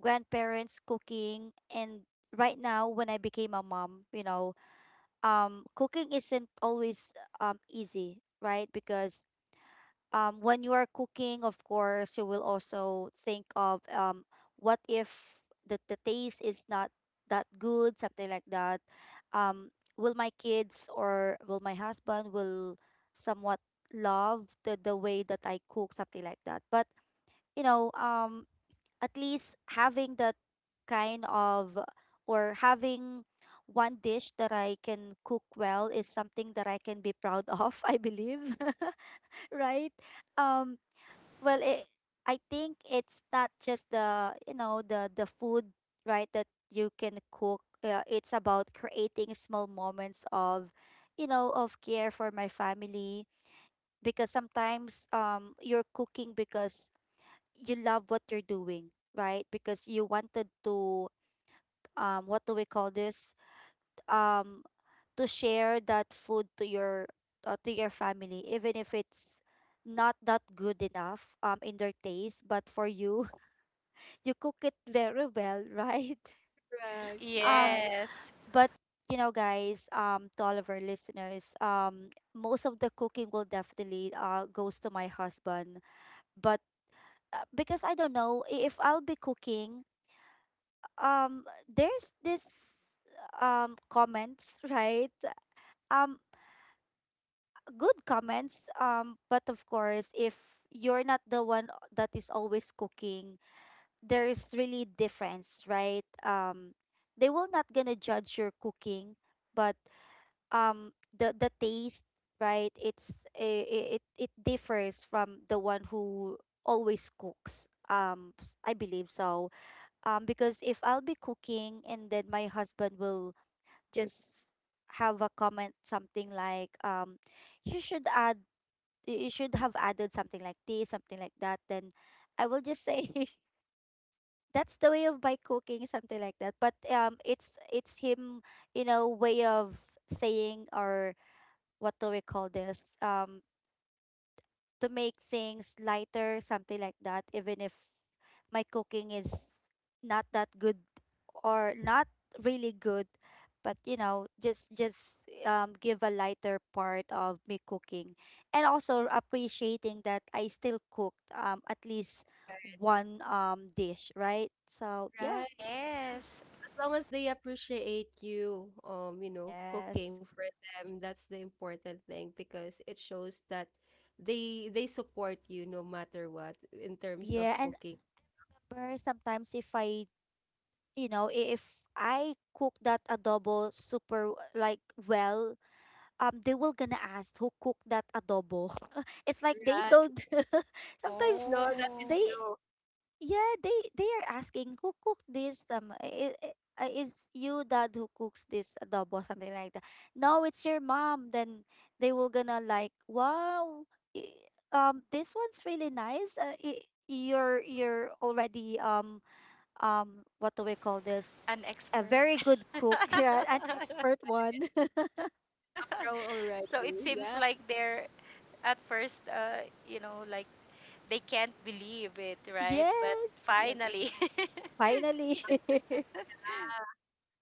grandparents cooking. And right now, when I became a mom, you know, cooking isn't always easy, right? Because when you are cooking, of course, you will also think of what if the, the taste is not that good, something like that. Um, will my kids or will my husband will somewhat love the way that I cook, something like that. But you know, at least having that kind of or having one dish that I can cook well is something that I can be proud of, I believe, right? um. Well, it, I think it's not just the, you know, the food, right, that you can cook. It's about creating small moments of, you know, of care for my family because sometimes you're cooking because you love what you're doing, right? Because you wanted to what do we call this? Um to share that food to your, to your family, even if it's not that good enough in their taste, but for you, you cook it very well, right?
Y-
Correct. Yeah.
Um,
yes.
but you know, guys, to all of our listeners, most of the cooking will definitely goes to my husband, but because I don't know if I'll be cooking, there's this comments, right? Um, good comments, but of course, if you're not the one that is always cooking, there is really difference, right? They will not gonna judge your cooking, but the taste, right? It's it differs from the one who always cooks. I believe so. Because if I'll be cooking and then my husband will just have a comment something like you should add, you should have added something like this, something like that, then I will just say. That's the way of my cooking, something like that, but it's him, you know, way of saying or what do we call this, to make things lighter, something like that, even if my cooking is not that good, or not really good, but you know, just give a lighter part of me cooking, and also appreciating that I still cooked at least
Right.
one dish, right? So
Right.
yeah.
Yes.
Long as they appreciate you, you know, cooking
Yes.
for them, that's the important thing because it shows that they support you no matter what in terms of
Yeah, and
cooking.
amber sometimes if I, you know, if I cook that adobo super like well, they will gonna ask who cooked that adobo. It's like they
Right.
don't
I
sometimes
don't know that it's
Oh,
they.
you
Yeah, they are asking who cooked this. Is you dad who cooks this adobo, something like that. No, it's your mom. Then they will gonna like, wow, i- this one's really nice. I you're already what do we call this?
an
A
expert.
very good cook. Yeah, an expert one.
Row already.
So it seems
Yeah.
like they're at first, you know, like they can't believe it, right?
yes.
But
Yeah.
finally,
Finally.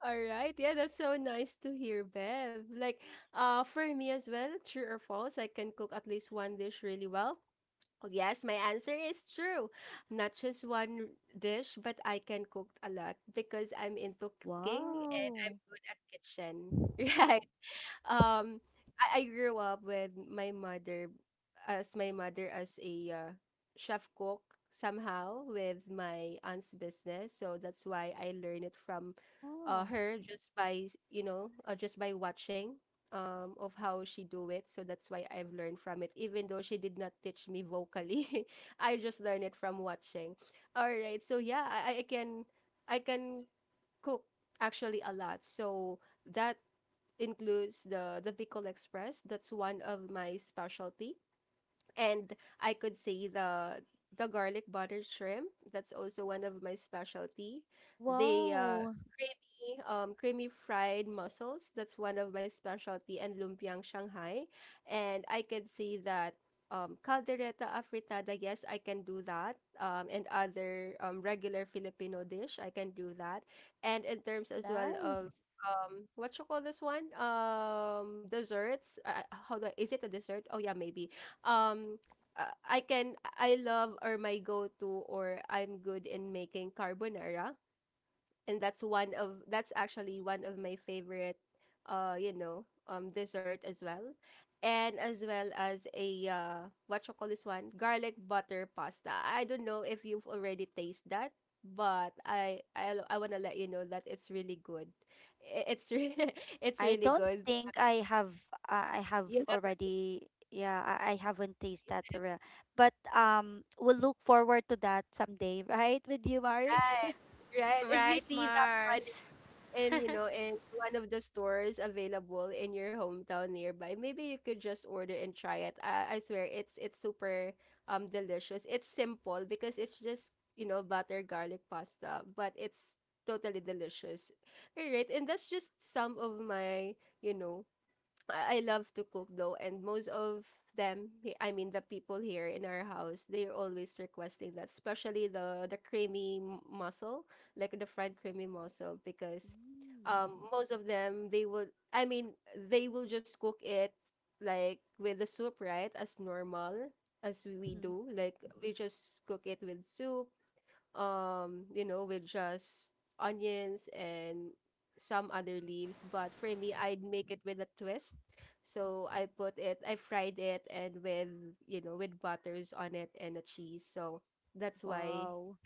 All right. Yeah, that's so nice to hear, Bev. Like, for me as well, true or false, I can cook at least one dish really well. Oh, yes, my answer is true. Not just one dish, but I can cook a lot because I'm into cooking and I'm
Wow.
good at kitchen. Right um I grew up with my mother as a chef cook somehow with my aunt's business so that's why I learned it from
Oh,
her just by you know just by watching of how she do it so that's why I've learned from it even though she did not teach me vocally I just learned it from watching all right so yeah I can cook actually a lot so that includes the Bicol Express. That's one of my specialty. And I could say the garlic butter shrimp. That's also one of my specialty. The
wow.
creamy creamy fried mussels. That's one of my specialty. And lumpiang Shanghai. And I can say that caldereta afritada. Yes, I can do that. And other regular Filipino dish. I can do that. And in terms as well of
Nice.
what you call this one? Desserts. How do I, is it a dessert? Oh yeah, maybe. Um I love or my go-to or I'm good in making carbonara and that's actually one of my favorite dessert as well, and as well as a what you call this one, garlic butter pasta. I don't know if you've already tasted that, but I want to let you know that it's really good I- it's re- it's
I
really
don't
good.
think I have, I
You
have
have it.
already, yeah, I haven't tasted that real, but we'll look forward to that someday right, with you Maris.
Right, right, if you
right,
see that,
Mars.
and you know, in one of the stores available in your hometown nearby, maybe you could just order and try it. I swear it's super delicious. It's simple because it's just, you know, butter garlic pasta, but it's totally delicious. All right, and that's just some of my, you know I love to cook though, and most of them, I mean the people here in our house, they're always requesting that, especially the creamy mussel, like the fried creamy mussel, because
Mm,
most of them they would, I mean they will just cook it like with the soup, right, as normal as we
mm-hmm.
do, like we just cook it with soup, you know, with just onions and some other leaves. But for me, I'd make it with a twist. So I put it, I fried it, and with, you know, with butters on it and a cheese. So that's why
Wow.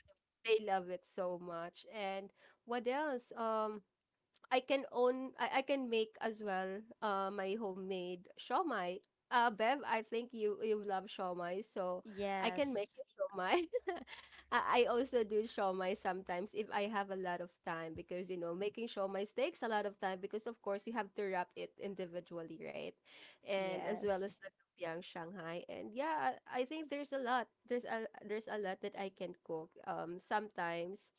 they love it so much. And what else? I can make as well my homemade shawmai. Bev, I think you love shawmai, so I can make
Yes,
you shawmai. I also do shawmai sometimes if I have a lot of time, because you know, making shawmai takes a lot of time because of course you have to wrap it individually, right? And as well as
yes,
the lumpiang Shanghai. And yeah, I think there's a lot. There's a lot that I can cook. Sometimes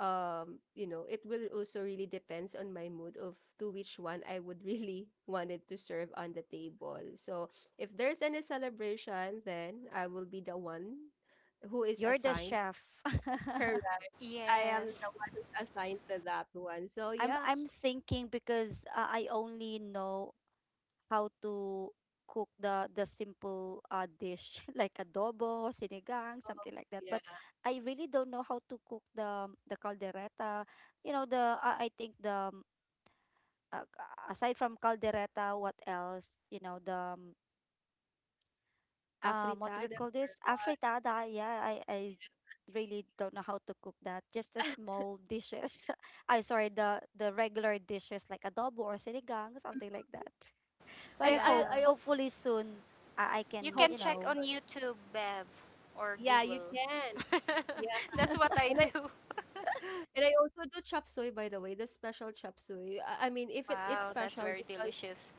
you know, it will also really depends on my mood of to which one I would really wanted to serve on the table. So if there's any celebration, then I will be the one who is
you're the
assigned.
chef.
Correct, I am
Yes.
the one who's assigned to that one, so
I'm
yeah.
I'm thinking because I only know how to cook the simple dish like adobo, sinigang,
Oh,
something like that. But
yeah.
I really don't know how to cook the caldereta. You know, the I think the uh, aside from caldereta, what else? You know, the what do we
Afritada
call
or
this?
what?
Afritada. Yeah, I really don't know how to cook that. Just the small dishes. I sorry, the regular dishes like adobo or sinigang, something like that. So I
And i
Yeah.
hope,
i also
hopefully soon, I
You
can,
hope
can
you
for this.
check
know.
on YouTube, Bev, or
Yeah, you
Google.
can. Yeah.
That's what I
and i
do.
and I also do chop suey, by the way, the special chop suey. I mean, if it's
Wow, that's
special
very
because,
delicious.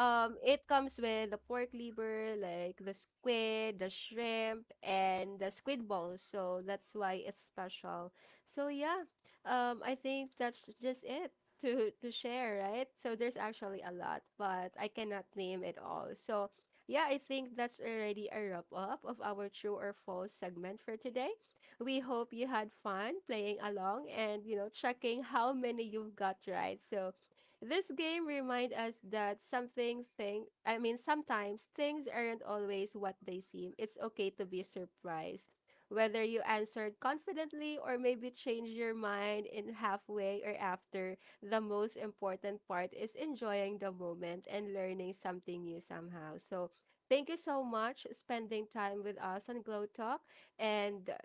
um, it comes with the pork liver, like the squid, the shrimp, and the squid balls. So that's why it's special. So yeah, I think that's just it, to share, right? So there's actually a lot, but I cannot name it all. So yeah, I think that's already a wrap up of our true or false segment for today. We hope you had fun playing along and you know checking how many you've got right. So this game reminds us that something thing, I mean sometimes things aren't always what they seem. It's okay to be surprised. Whether you answered confidently or maybe changed your mind in halfway or after, the most important part is enjoying the moment and learning something new somehow. So thank you so much spending time with us on Glow Talk. And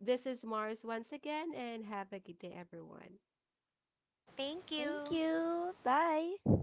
this is Mars once again, and have a good day everyone.
Thank
Thank
you.
you. Bye.